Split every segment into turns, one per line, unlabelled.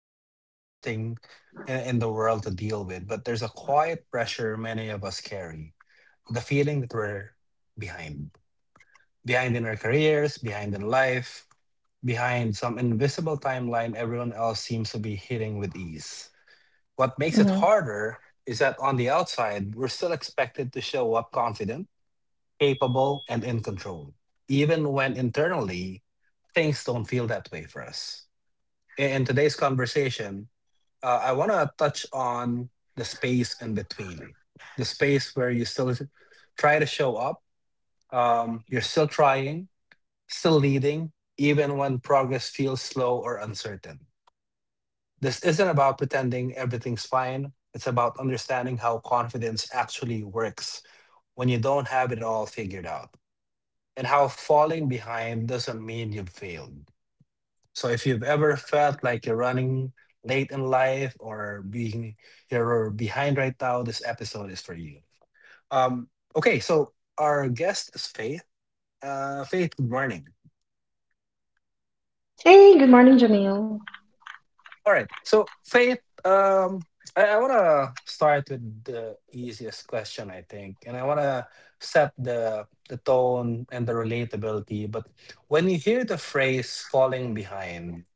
not the easiest thing in the world to deal with, but there's a quiet pressure many of us carry, the feeling that we're behind, behind in our careers, behind in life, behind some invisible timeline everyone else seems to be hitting with ease. What makes it
Mhm.
harder is that on the outside, we're still expected to show up confident, capable, and in control, even when internally things don't feel that way for us. In today's conversation, I want to touch on the space in between, the space where you still try to show up, you're still trying, still leading, even when progress feels slow or uncertain. This isn't about pretending everything's fine. It's about understanding how confidence actually works when you don't have it all figured out, and how falling behind doesn't mean you've failed. So if you've ever felt like you're running late in life or being, you're behind right now, this episode is for you. Um, okay, so our guest is Faith. Faith, good morning.
Hey, good morning, Jamil.
All right, so Faith, I want to start with the easiest question, I think, and I want to set the tone and the relatability. But when you hear the phrase "falling behind,"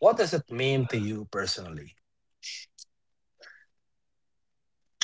what does it mean to you personally?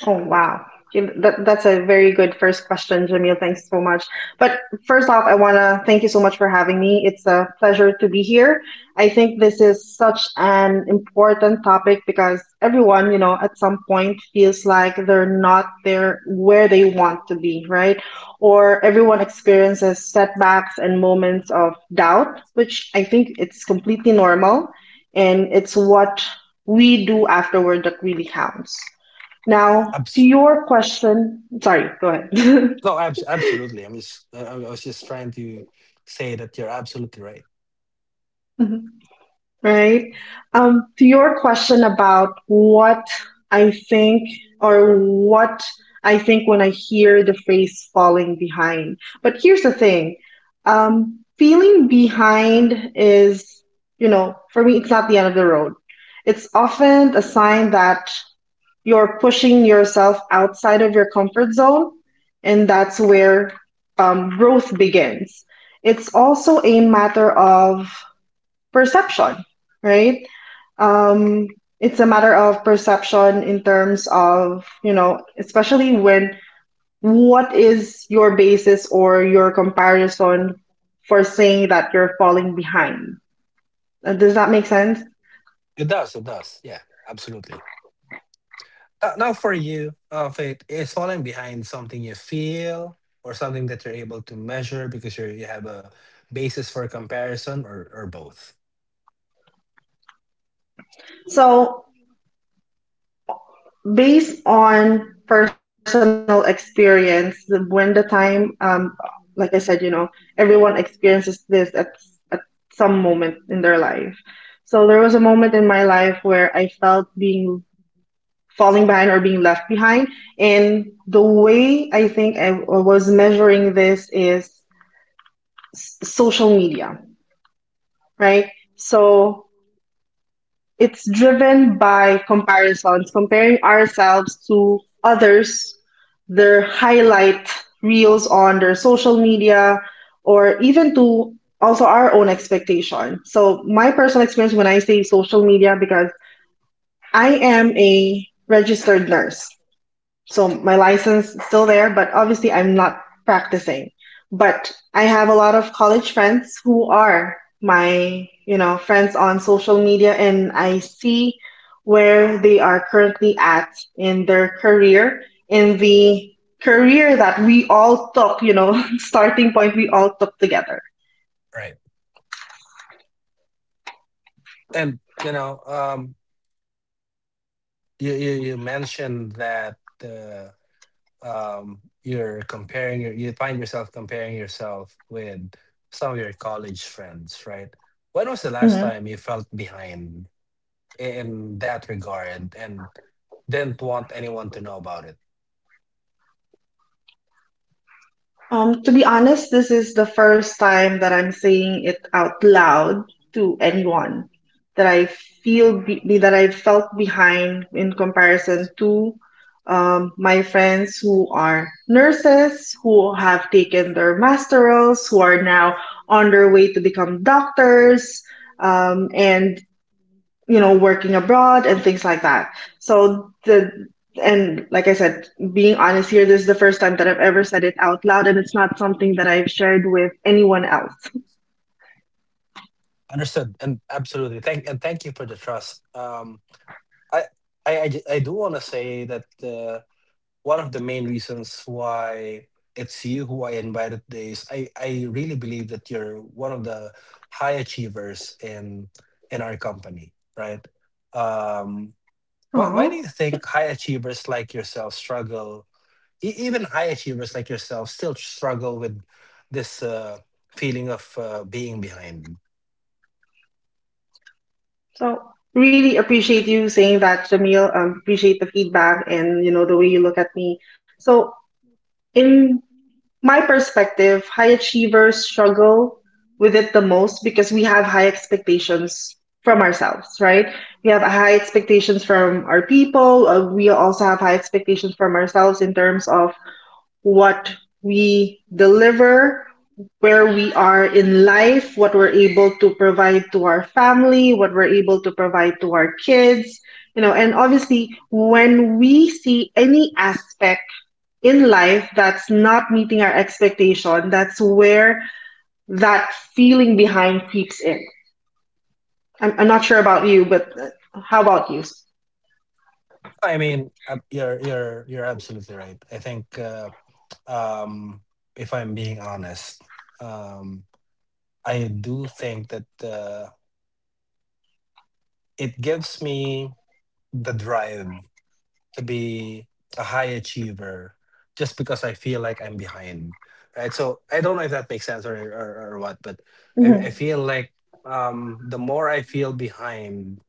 Oh, wow. That's a very good first question, Jamil. Thanks so much. But first off, I want to thank you so much for having me. It's a pleasure to be here. I think this is such an important topic because everyone, at some point feels like they're not there where they want to be, right? Or everyone experiences setbacks and moments of doubt, which I think it's completely normal. And it's what we do afterward that really counts. Now, to
Abs-
your question, sorry, go ahead.
no, absolutely. I was just trying to say that you're absolutely right.
Right. To your question about what I think or what I think when I hear the phrase falling behind. But here's the thing. Feeling behind is, for me, it's not the end of the road. It's often a sign that you're pushing yourself outside of your comfort zone, and that's where growth begins. It's also a matter of perception, right? Um, it's a matter of perception in terms of, especially when what is your basis or your comparison for saying that you're falling behind. Does that make sense?
It does. It does. Yeah, absolutely. Now, for you, Faith, is falling behind something you feel or something that you're able to measure because you have a basis for comparison, or both,
So based on personal experience, when the time, like I said, everyone experiences this at some moment in their life. So there was a moment in my life where I felt being falling behind or being left behind. And the way I think I was measuring this is social media, right? So it's driven by comparisons, comparing ourselves to others, their highlight reels on their social media, or even to also our own expectation. So my personal experience when I say social media, because I am a registered nurse. So my license is still there, but obviously I'm not practicing. But I have a lot of college friends who are my friends on social media, and I see where they are currently at in their career, in the career that we all took, starting point we all took together.
right? And you know, you mentioned that. Uh, you're comparing your, you find yourself comparing yourself with some of your college friends, right? When was the last
Mhm.
time you felt behind in that regard and didn't want anyone to know about it?
To be honest, this is the first time that I'm saying it out loud to anyone that I felt behind in comparison to my friends who are nurses, who have taken their masterals, who are now on their way to become doctors, and working abroad and things like that. So the and like I said, being honest here, this is the first time that I've ever said it out loud, and it's not something that I've shared with anyone else.
Understood, and absolutely. Thank and thank you for the trust. I I do want to say that. One of the main reasons why it's you who I invited today is I really believe that you're one of the high achievers in our company, right? Um, why do you
Aww.
think high achievers like yourself struggle, even high achievers like yourself still struggle with this feeling of being behind?
So really appreciate you saying that, Jamil. Appreciate the feedback, and you know the way you look at me. So in my perspective, high achievers struggle with it the most because we have high expectations from ourselves, right? We have high expectations from our people. We also have high expectations from ourselves in terms of what we deliver, where we are in life, what we're able to provide to our family, what we're able to provide to our kids, you know, and obviously when we see any aspect in life that's not meeting our expectation, that's where that feeling behind creeps in. I'm not sure about you, but how about you?
I mean, you're you're absolutely right. I think um, if I'm being honest. Um, I do think that it gives me the drive to be a high achiever just because I feel like I'm behind. Right. So I don't know if that makes sense or what, but I
Hmm.
feel like the more I feel behind,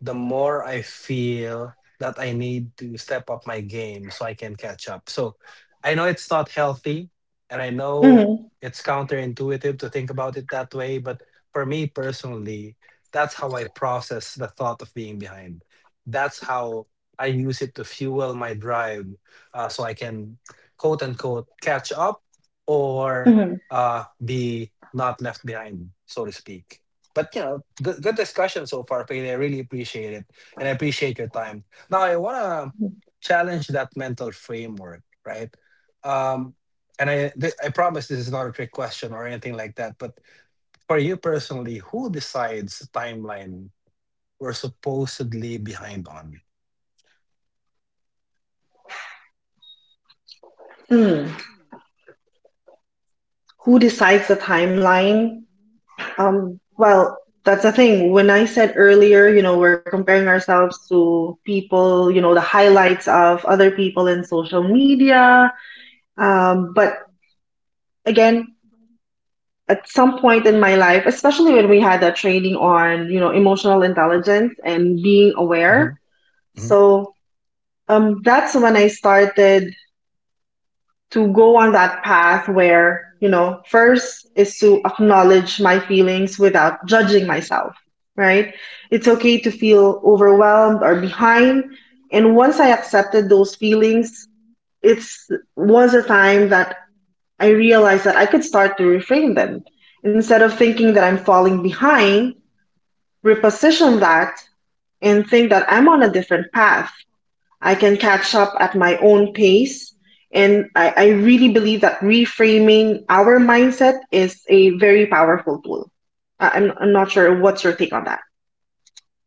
the more I feel that I need to step up my game so I can catch up. So I know it's not healthy and I know
Hmm.
it's counterintuitive to think about it that way, but for me personally, that's how I process the thought of being behind. That's how I use it to fuel my drive, so I can quote unquote catch up or
Hmm.
be not left behind, so to speak. But you know, good discussion so far, Payne. I really appreciate it, and I appreciate your time. Now, I want to challenge that mental framework, right? Um, and I promise this is not a trick question or anything like that. But for you personally, who decides the timeline we're supposedly behind on?
Mm. Who decides the timeline? Well, that's the thing. When I said earlier, we're comparing ourselves to people, the highlights of other people in social media. But again, at some point in my life, especially when we had a training on, emotional intelligence and being aware.
Mhm, mhm.
So that's when I started to go on that path where, first is to acknowledge my feelings without judging myself, right? It's okay to feel overwhelmed or behind. And once I accepted those feelings, it's was a time that I realized that I could start to reframe them. Instead of thinking that I'm falling behind, reposition that and think that I'm on a different path. I can catch up at my own pace. And I really believe that reframing our mindset is a very powerful tool. I'm not sure what's your take on that.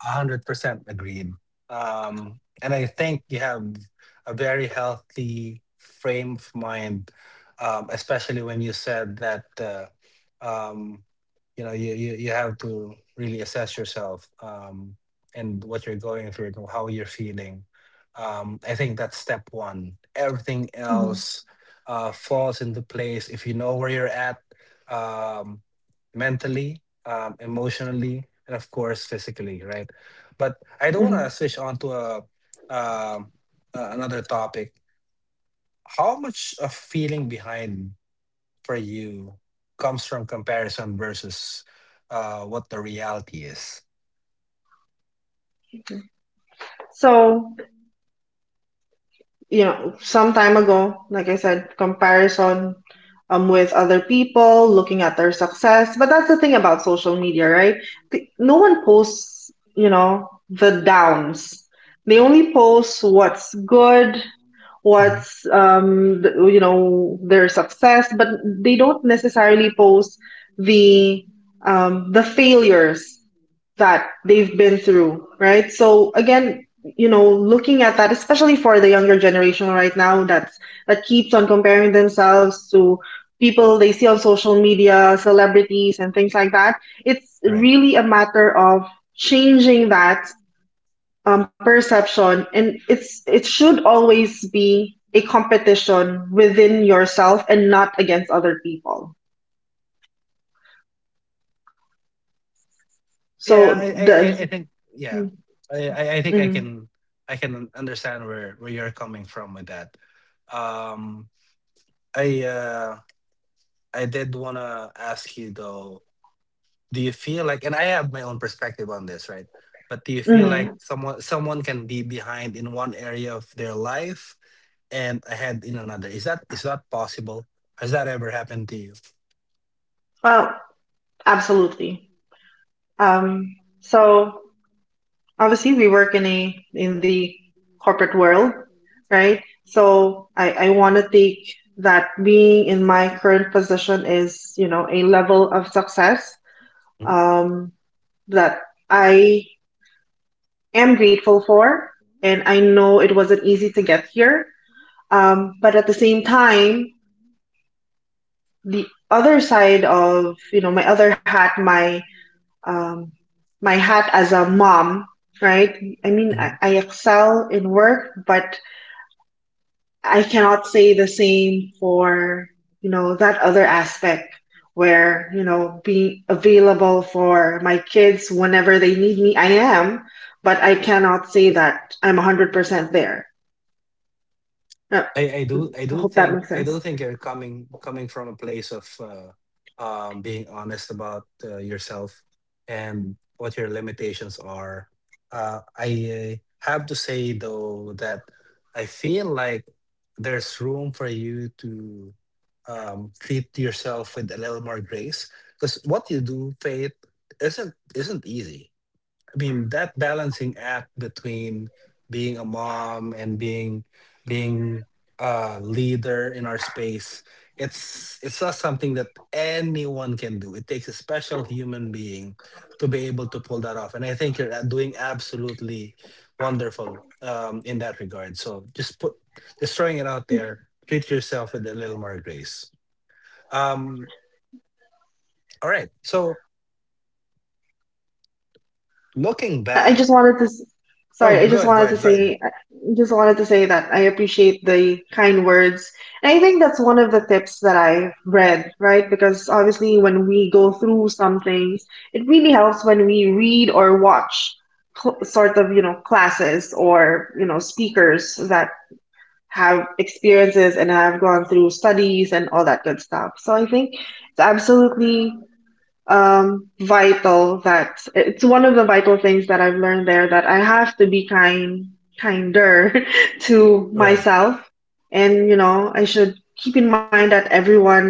100% agreed. And I think you have a very healthy frame of mind, especially when you said that um, you know you have to really assess yourself and what you're going through and how you're feeling. I think that's step one. Everything
Mhm,
else falls into place if you know where you're at um, mentally, emotionally, and of course physically, right? But I don't want to
mhm.
switch on to a, um, another topic. How much of feeling behind for you comes from comparison versus what the reality is?
So, some time ago, like I said, comparison with other people, looking at their success. But that's the thing about social media, right? No one posts, the downs. They only post what's good,
Mhm.
what's their success, but they don't necessarily post the the failures that they've been through, right? So again, looking at that, especially for the younger generation right now, that keeps on comparing themselves to people they see on social media, celebrities and things like that, it's
Right.
really a matter of changing that perception, and it should always be a competition within yourself and not against other people.
Yeah, I,
So
I, I
the
I think yeah, I think I
mm,
can understand where you're coming from with that. Um, I uh, I did wanna ask you though, do you feel like, and I have my own perspective on this, right? But do you feel like
mm,
someone can be behind in one area of their life and ahead in another? Is that possible? Has that ever happened to you?
well, absolutely. So obviously we work in the corporate world, right? So I want to take that being in my current position is a level of success um, that I am grateful for. And I know it wasn't easy to get here. But at the same time, the other side of, my other hat, um, my hat as a mom, right? I mean, I,
Mhm.
I excel in work, but I cannot say the same for, that other aspect where, being available for my kids whenever they need me, I am, but I cannot say that I'm 100% there. Uh,
I, I do I
I
do
hope that
think
makes
I do
sense.
think you're coming from a place of being honest about yourself and what your limitations are. I have to say though that I feel like there's room for you to treat yourself with a little more grace, because what you do, Faith, isn't easy. I mean, that balancing act between being a mom and being a leader in our space, it's not something that anyone can do. It takes a special human being to be able to pull that off. And I think you're doing absolutely wonderful in that regard. So just throwing it out there. Treat yourself with a little more grace. Um, all right. So looking
I
back,
just wanted to, s-
oh,
sorry,
go ahead.
I just wanted to say that I appreciate the kind words. And I think that's one of the tips that I read, right? Because obviously when we go through some things, it really helps when we read or watch sort of, classes or, speakers that have experiences and have gone through studies and all that good stuff. So I think it's absolutely vital, that it's one of the vital things that I've learned there, that I have to be kinder to
Right.
myself, and I should keep in mind that everyone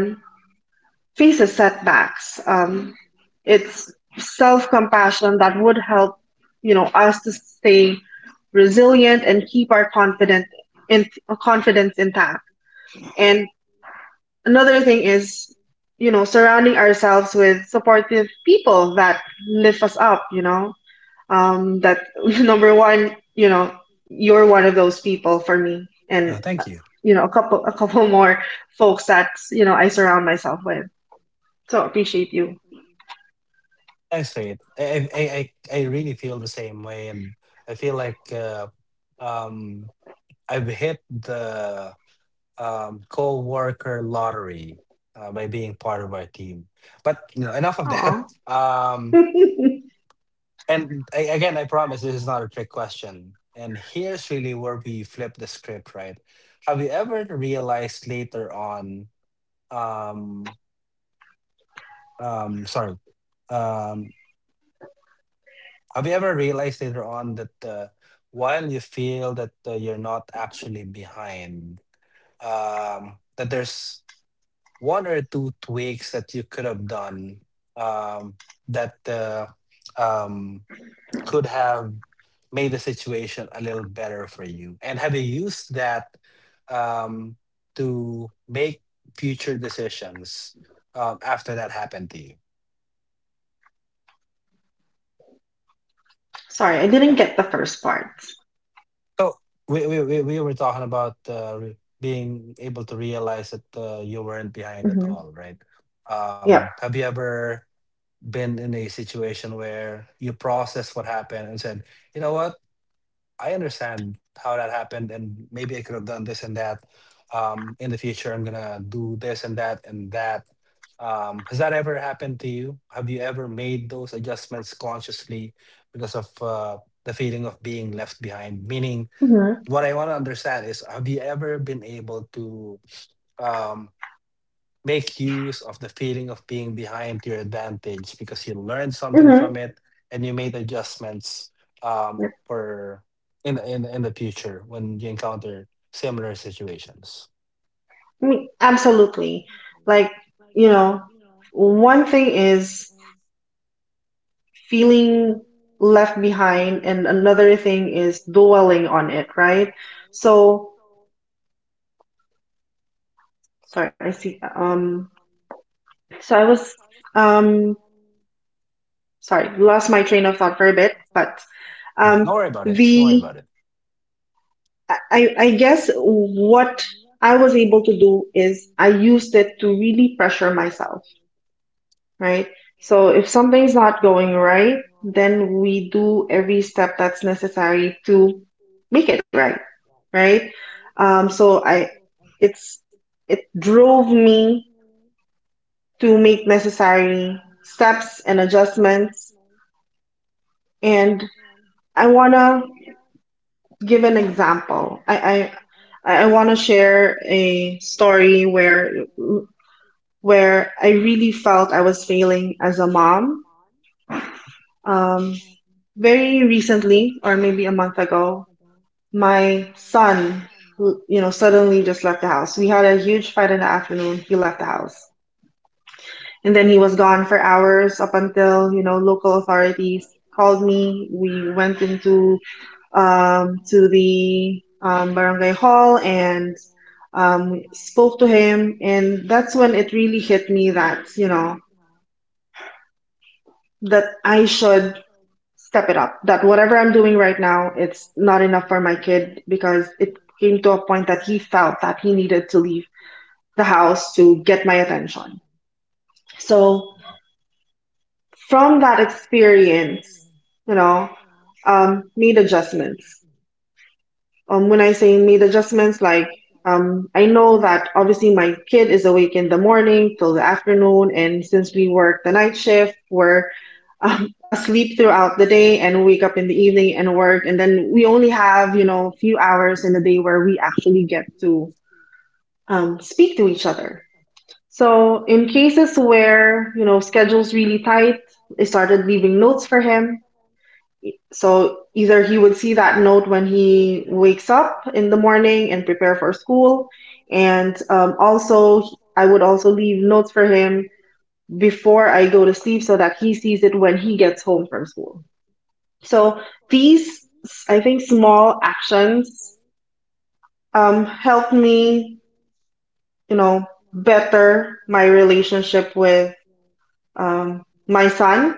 faces setbacks, it's self-compassion that would help us to stay resilient and keep our confident in confidence intact. And another thing is, surrounding ourselves with supportive people that lift us up. That number one, you're one of those people for me. And,
Thank you.
a couple more folks that, I surround myself with. So appreciate you.
Thanks, Faith. I really feel the same way, and I feel like um, I've hit the co-worker lottery by being part of our team. But you know, enough of
Aw.
that. And I, again, I promise this is not a trick question. And here's really where we flip the script, right? Have you ever realized later on? Um, sorry. Um, Have you ever realized later on that while you feel that you're not actually behind, that there's one or two tweaks that you could have done um, that um, could have made the situation a little better for you? And have you used that um, to make future decisions after that happened to you?
Sorry, I didn't get the first part.
So we were talking about being able to realize that you weren't behind at
Mm-hmm.
all, right?
Yep.
Have you ever been in a situation where you processed what happened and said, you know what, I understand how that happened, and maybe I could have done this and that. In the future, I'm gonna do this and that and that. Has that ever happened to you? Have you ever made those adjustments consciously because of the feeling of being left behind? Meaning,
Mm-hmm.
what I want to understand is, have you ever been able to um, make use of the feeling of being behind to your advantage because you learned something
Mm-hmm.
from it and you made adjustments
Yep.
for in the future when you encounter similar situations.
I mean, absolutely. Like, you know, one thing is feeling left behind and another thing is dwelling on it, right? So, sorry, I see. So I was, um sorry, lost my train of thought for a bit, but
Don't
um
worry about it. Don't worry about
the
it.
I guess what I was able to do is I used it to really pressure myself, right? So if something's not going right, then we do every step that's necessary to make it right, right? Um, so I, it's, it drove me to make necessary steps and adjustments. And I want to give an example. I want to share a story where, I really felt I was failing as a mom. Um, Very recently, or maybe a month ago, my son, who, suddenly just left the house. We had a huge fight in the afternoon. He left the house. And then he was gone for hours up until, local authorities called me. We went into to the barangay hall and spoke to him. And that's when it really hit me that I should step it up, that whatever I'm doing right now, it's not enough for my kid because it came to a point that he felt that he needed to leave the house to get my attention. So from that experience, you know, made adjustments. When I say made adjustments, like I know that obviously my kid is awake in the morning till the afternoon, and since we work the night shift, we're asleep throughout the day and wake up in the evening and work, and then we only have a few hours in the day where we actually get to speak to each other. So in cases where schedules really tight, I started leaving notes for him so either he would see that note when he wakes up in the morning and prepare for school. And also, I would also leave notes for him before I go to sleep so that he sees it when he gets home from school. So these, I think, small actions help me, you know, better my relationship with my son.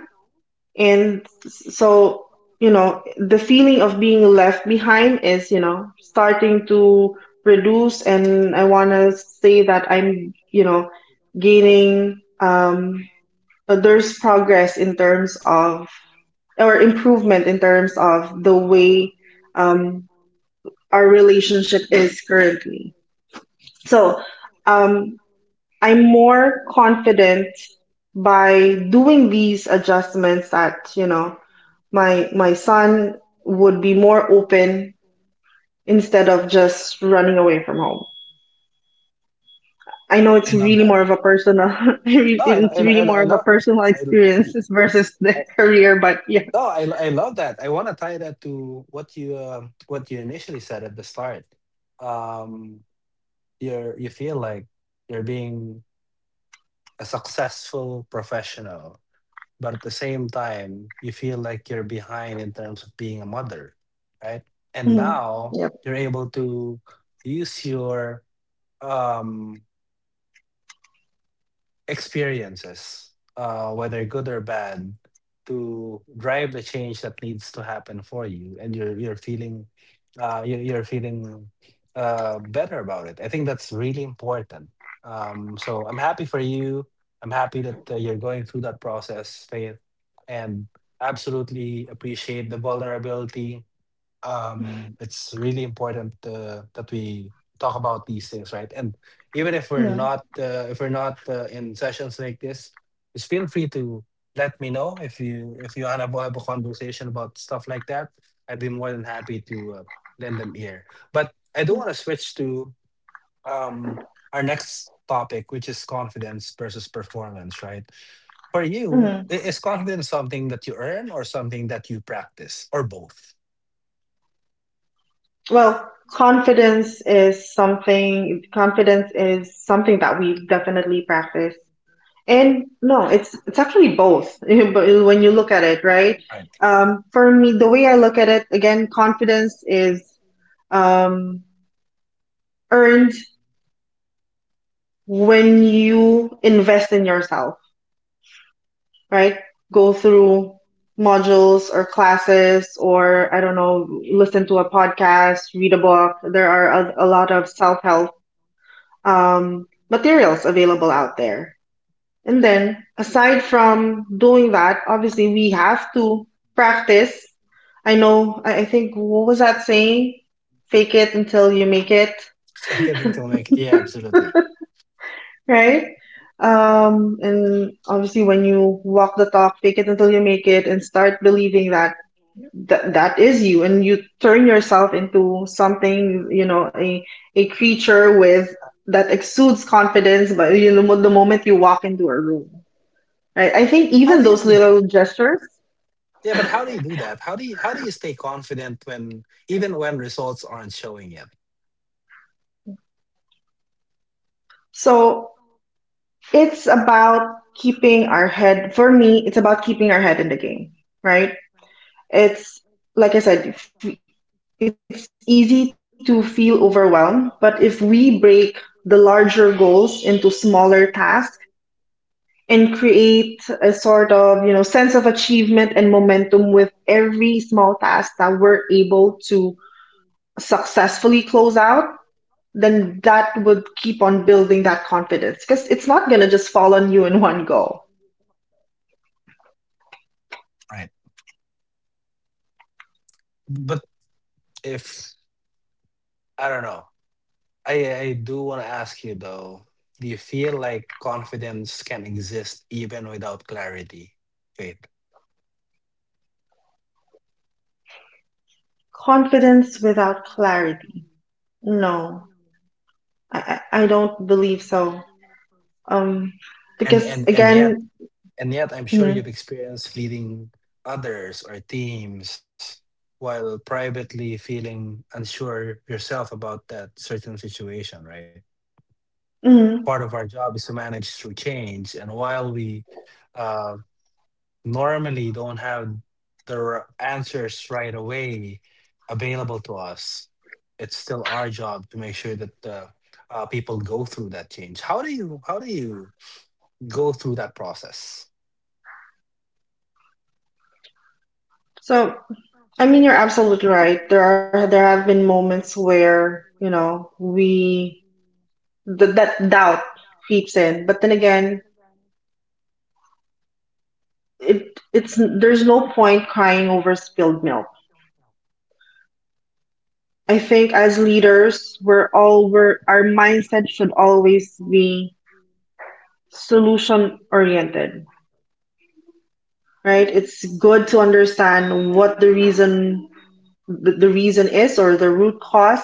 And so you know the feeling of being left behind is, you know, starting to reduce, and I want to say that I'm, you know, gaining there's progress in terms of or improvement in terms of the way um our relationship is currently. So um I'm more confident by doing these adjustments, that, you know, my son would be more open instead of just running away from home. I know it's
I love
really
that.
more of a personal,
No,
it's really more
I
of a
love.
personal
I, l-
experience versus the
I,
career, but yeah.
no, I, l- I love that. I want to tie that to what you initially said at the start. Um, you're you feel like you're being a successful professional, but at the same time, you feel like you're behind in terms of being a mother, right? And
Mhm.
now
Yep.
you're able to use your um experiences, whether good or bad, to drive the change that needs to happen for you, and you're feeling, you're feeling better about it. I think that's really important. So I'm happy for you. I'm happy that you're going through that process, Faith, and absolutely appreciate the vulnerability. Um, it's really important that we talk about these things, right? And even if we're
Mhm.
not in sessions like this, just feel free to let me know if you want to have a conversation about stuff like that. I'd be more than happy to lend them ear. But I do want to switch to um, our next topic, which is confidence versus performance, right? For you,
Mhm.
is confidence something that you earn or something that you practice or both?
Well, confidence is something that we definitely practice. And no, it's actually both. But when you look at it, right?
Right?
For me, the way I look at it, again, confidence is um, earned when you invest in yourself, right? Go through modules or classes, or I don't know, listen to a podcast, read a book. There are a lot of self help materials available out there. And then, aside from doing that, obviously we have to practice. I know, I think, what was that saying? Fake it until you make it.
Fake it until make it. Yeah, absolutely.
Right? And obviously, when you walk the talk, fake it until you make it, and start believing that that is you, and you turn yourself into something, you know, a creature with that exudes confidence. But you know, the moment you walk into a room, right? I think
How
even
do you
those
do that?
little gestures.
Yeah, but how do you do that? How do you stay confident when, even when results aren't showing yet?
So it's about keeping our head in the game, right? It's like I said, if it's easy to feel overwhelmed, but if we break the larger goals into smaller tasks and create a sort of, you know, sense of achievement and momentum with every small task that we're able to successfully close out, then that would keep on building that confidence because it's not going to just fall on you in one go.
Right. But if I don't know, I I do want to ask you though, do you feel like confidence can exist even without clarity? Faith.
Confidence without clarity. No, I don't believe so. Um,
and and
because
and yet
again,
and yet I'm sure you've
mhm,
experienced leading others or teams while privately feeling unsure yourself about that certain situation, right? Part of our
mhm.
job is to manage through change, and while we uh, normally don't have the answers right away available to us, it's still our job to make sure that people go through that change. How do you go through that process?
So I mean, you're absolutely right. There have been moments where, you know, we th that doubt creeps in, but then again, it it's there's no point crying over spilled milk. I think as leaders, our mindset should always be solution oriented, right? It's good to understand what the reason is, or the root cause,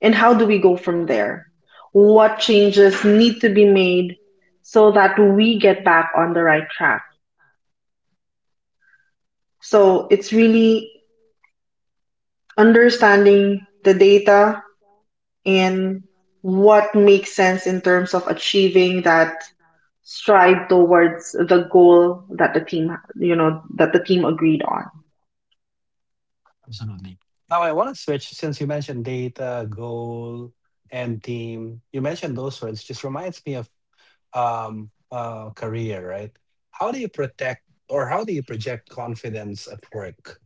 and how do we go from there, what changes need to be made so that we get back on the right track. So it's really understanding the data and what makes sense in terms of achieving that stride towards the goal that the team you know that the team agreed on.
Absolutely. Now I want to switch, since you mentioned data, goal, and team. You mentioned those words. Just reminds me of career, right? How do you protect, or how do you project confidence at work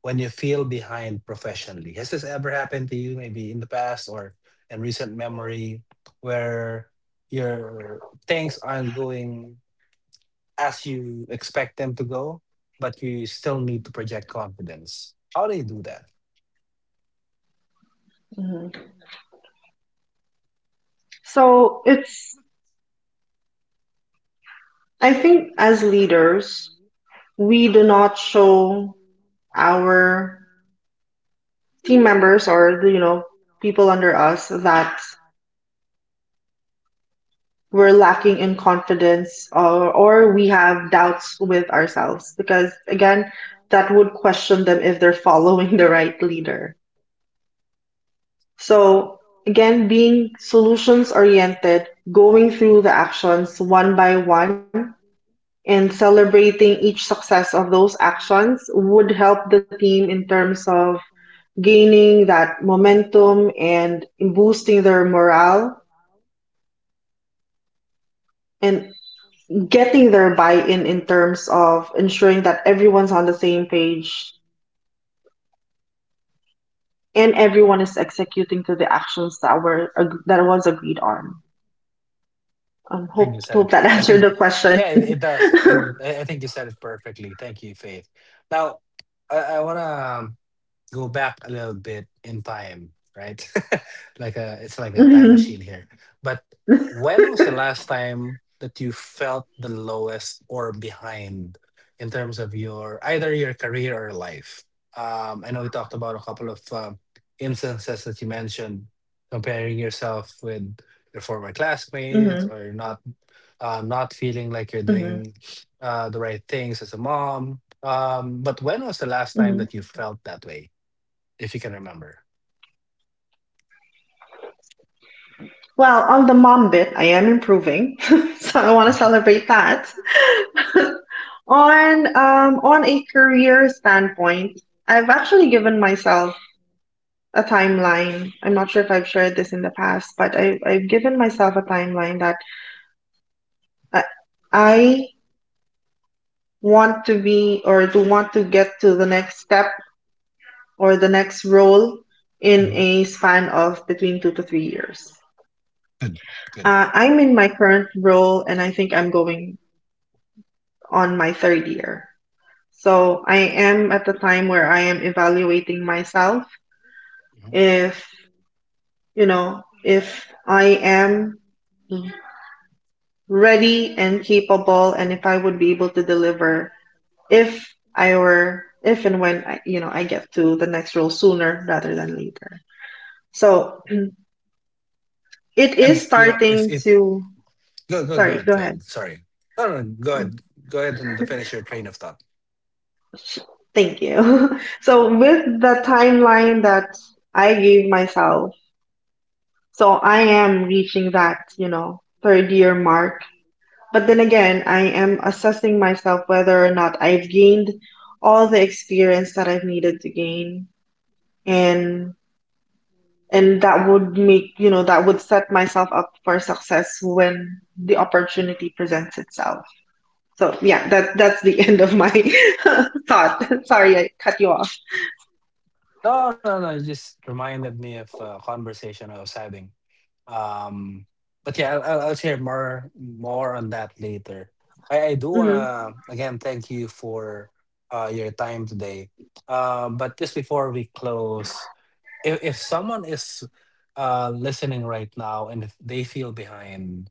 when you feel behind professionally? Has this ever happened to you, maybe in the past or in recent memory, where your things aren't going as you expect them to go, but you still need to project confidence? How do you do that?
Mhm. So it's, I think, as leaders we do not show our team members, or the, you know, people under us, that we're lacking in confidence, or we have doubts with ourselves, because again that would question them if they're following the right leader. So again, being solutions oriented, going through the actions one by one, and celebrating each success of those actions would help the team in terms of gaining that momentum and boosting their morale, and getting their buy-in in terms of ensuring that everyone's on the same page and everyone is executing to the actions that were ag- that was agreed on.
I think you said it.
Hope that
I
answered
think,
the
yeah,
question.
it does, and I think you said it perfectly. Thank you, Faith. Now, I wanna. um, go back a little bit in time, right? Like a, it's like a time
Mhm,
machine here. But when was the last time that you felt the lowest or behind in terms of your either your career or life? I know we talked about a couple of instances that you mentioned, comparing yourself with your former
mhm,
classmates or not not feeling like
mhm,
you're doing the right things as a mom. But when was the last
mhm.
time that you felt that way, if you can remember?
Well, on the mom bit, I am improving, so I want to celebrate that. On on a career standpoint, I've actually given myself a timeline. I'm not sure if I've shared this in the past, but I've given myself a timeline that I, I want to be, or to want to get to the next step or the next role in a
Mhm.
span of between 2 to 3 years.
Good, good.
I'm in my current role and I think I'm going on my third year. So I am at the time where I am evaluating myself
Mhm.
if, you know, if I am ready and capable, and if I would be able to deliver if I were if and when I, you know, I get to the next role sooner rather than later. So it
And
is
you know, if
starting
it
to
go go go
sorry,
ahead,
go
go
ahead.
ahead. Sorry. No, no, no, go ahead. Go ahead and finish your train of thought.
Thank you. So with the timeline that I gave myself, so I am reaching that, you know, third year mark. But then again, I am assessing myself whether or not I've gained all the experience that I've needed to gain, and and that would make, you know, that would set myself up for success when the opportunity presents itself. So yeah, that that's the end of my thought. Sorry I cut you off.
No, no, no. It just reminded me of a conversation I was having. Um, but yeah, I'll share more on that later. I do
Mhm.
wanna again thank you for your time today. But just before we close, if someone is listening right now and if they feel behind,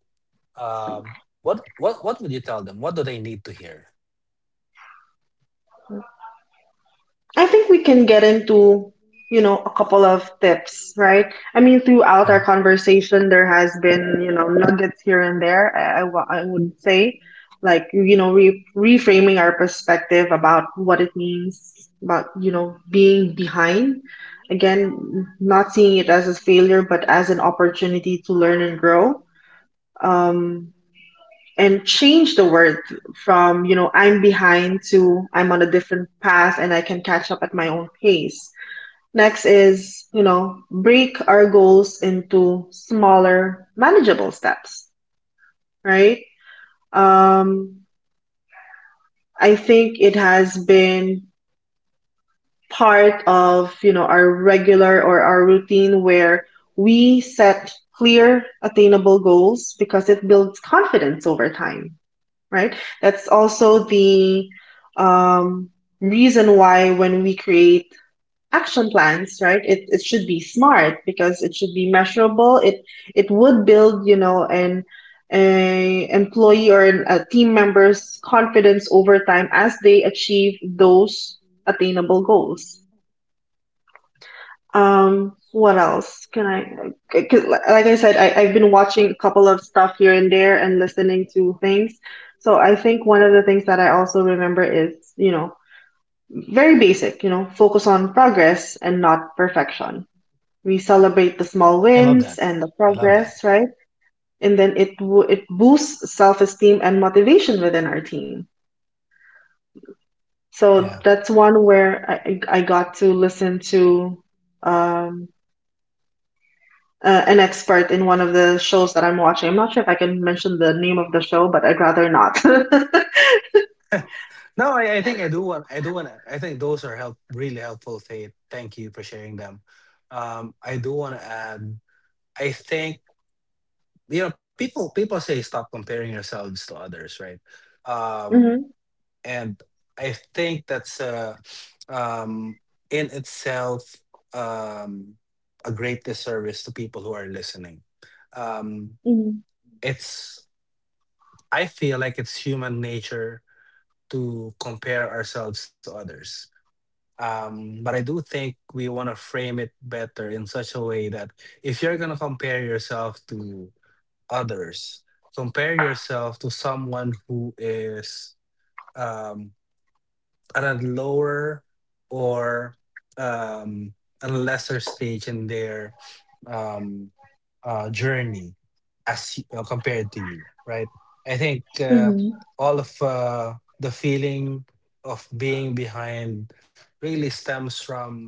um, what would you tell them? What do they need to hear?
I think we can get into, you know, a couple of tips, right? I mean,
Mhm.
throughout our conversation, there has been, you know, nuggets here and there. I would say, like, you know, re reframing our perspective about what it means, about, you know, being behind. Again, not seeing it as a failure, but as an opportunity to learn and grow. Um, and change the word from, you know, I'm behind, to I'm on a different path and I can catch up at my own pace. Next is, you know, break our goals into smaller manageable steps, right? Um, I think it has been part of, you know, our regular or our routine where we set clear attainable goals, because it builds confidence over time, right? That's also the um, reason why when we create action plans, right, it should be smart, because it should be measurable. It would build, you know, an a employee or an, a team member's confidence over time as they achieve those attainable goals. What else can I? 'Cause like I said, I, I've been watching a couple of stuff here and there and listening to things. So I think one of the things that I also remember is, you know, very basic, you know, focus on progress and not perfection. We celebrate the small
I love that.
wins and the
I love that.
progress, right? And then it boosts self-esteem and motivation within our team. So
Yeah.
that's one where I got to listen to um. An expert in one of the shows that I'm watching. I'm not sure if I can mention the name of the show, but I'd rather not.
No, I think I do want. I do want. To I think those are help really helpful. Faith. Thank you for sharing them. I do want to add. I think you know people. People say stop comparing yourselves to others, right? Um.
Hmm.
And I think that's um, in itself um, a great disservice to people who are listening. Um,
Hmm.
it's I feel like it's human nature to compare ourselves to others. But I do think we want to frame it better in such a way that if you're going to compare yourself to others, compare yourself to someone who is, um, at a lower or um, a lesser stage in their um, journey as compared to you, right? I think
Hmm.
all of the feeling of being behind really stems from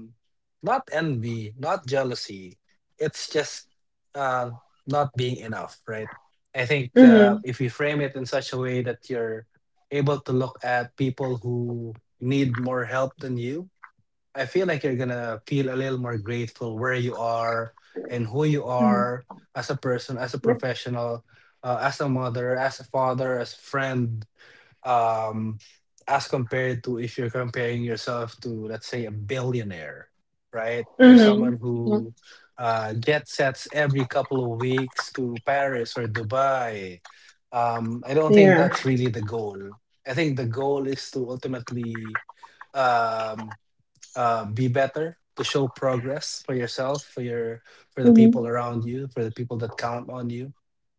not envy, not jealousy. It's just uh, not being enough, right? I think
Hmm.
if you frame it in such a way that you're able to look at people who need more help than you, I feel like you're gonna feel a little more grateful where you are and who you
Hmm.
are as a person, as a
Yep.
professional, as a mother, as a father, as a friend, um, as compared to if you're comparing yourself to, let's say, a billionaire, right? Or someone
Hmm. Yep.
who jet sets every couple of weeks to Paris or Dubai. I don't think
Yeah.
that's really the goal. I think the goal is to ultimately. Um, be better, to show progress for yourself, for your, for the people
Hmm.
around you, for the people that count on you.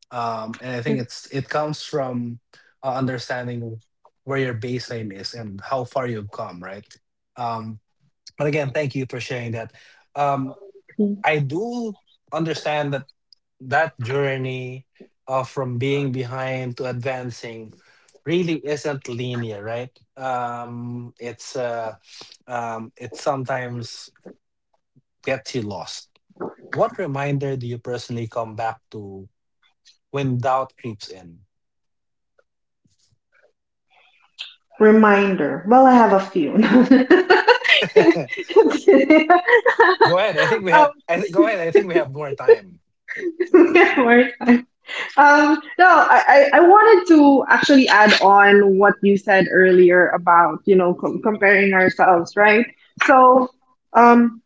Um, and I think
Yep.
it's, it comes from understanding where your baseline is and how far you've come, right? Um, but again, thank you for sharing that. Um,
Mm.
I do understand that that journey from being behind to advancing really isn't linear, right? Um, it's sometimes gets you lost. What reminder do you personally come back to when doubt creeps in?
Reminder. Well, I have a few.
Go ahead. I think we
um,
have. I, th- Go ahead. I think we have more time.
yeah, more time. No, I, I wanted to actually add on what you said earlier about, you know, comparing ourselves, right? So, um,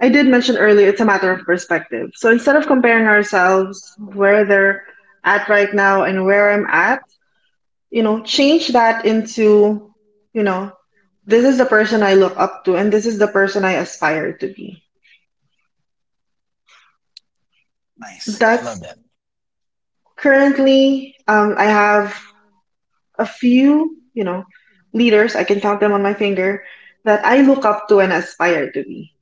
I did mention earlier it's a matter of perspective. So instead of comparing ourselves where they're at right now and where I'm at, you know, change that into, you know, this is the person I look up to and this is the person I aspire to be.
Nice. I love
That's
that.
currently, I have a few, you know, leaders, I can count them on my finger, that I look up to and aspire to be.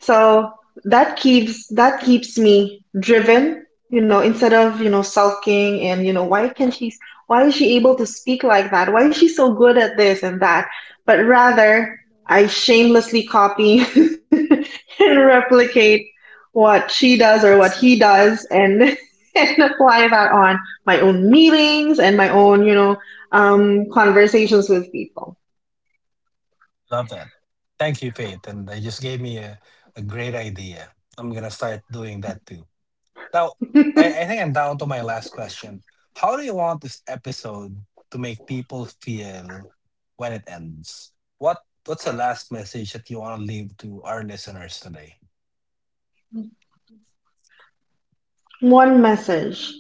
So that keeps me driven, you know, instead of, you know, sulking and, you know, why can she, why is she able to speak like that? Why is she so good at this and that? But rather, I shamelessly copy and replicate what she does or what he does, and and apply that on my own meetings and my own, you know, conversations with people.
Love that. Thank you, Faith. And they just gave me a great idea. I'm gonna start doing that too. Now, I think I'm down to my last question. How do you want this episode to make people feel when it ends? What's the last message that you want to leave to our listeners today?
One message.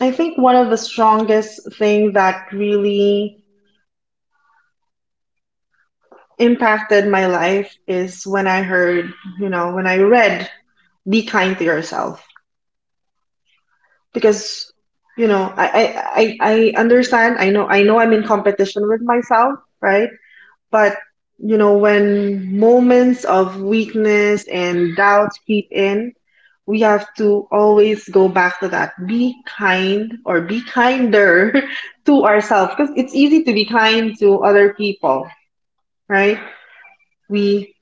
I think one of the strongest thing that really impacted my life is when I heard, you know, when I read "Be Kind to Yourself," because, you know, I understand. I know I'm in competition with myself, right? But, you know, when moments of weakness and doubt creep in, we have to always go back to that. Be kind, or be kinder to ourselves, because it's easy to be kind to other people, right? We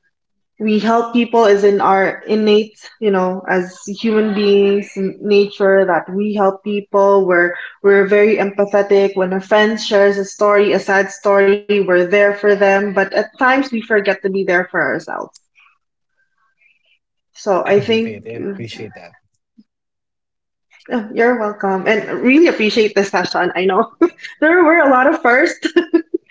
we help people, is in our innate, you know, as human beings, nature that we help people. We're very empathetic; when a friend shares a story, a sad story, we're there for them, but at times we forget to be there for ourselves. So I
Thank you,
think
Faith. I appreciate that.
you're welcome, and really appreciate this session. I know there were a lot of firsts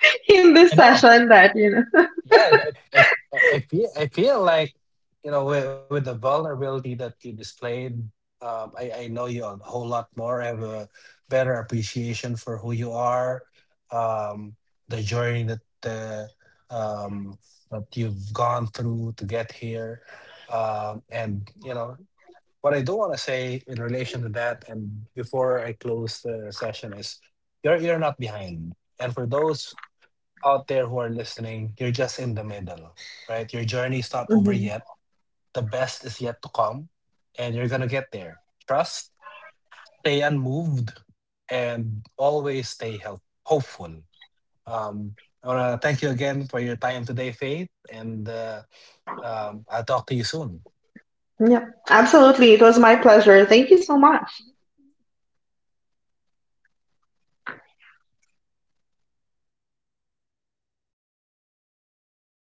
in
I
this
know.
session that you know
Yeah, I feel, I feel like, you know, with the vulnerability that you displayed, I know you a whole lot more. I have a better appreciation for who you are, um, the journey that um, that you've gone through to get here, and you know what I do want to say in relation to that. And before I close the session is, you're not behind. And for those out there who are listening, you're just in the middle, right? Your journey's not over
Mhm.
yet. The best is yet to come, and you're going to get there. Trust, stay unmoved, and always stay hopeful. Um, I want to thank you again for your time today, Faith, and I'll talk to you soon.
Yep, absolutely. It was my pleasure, thank you so much.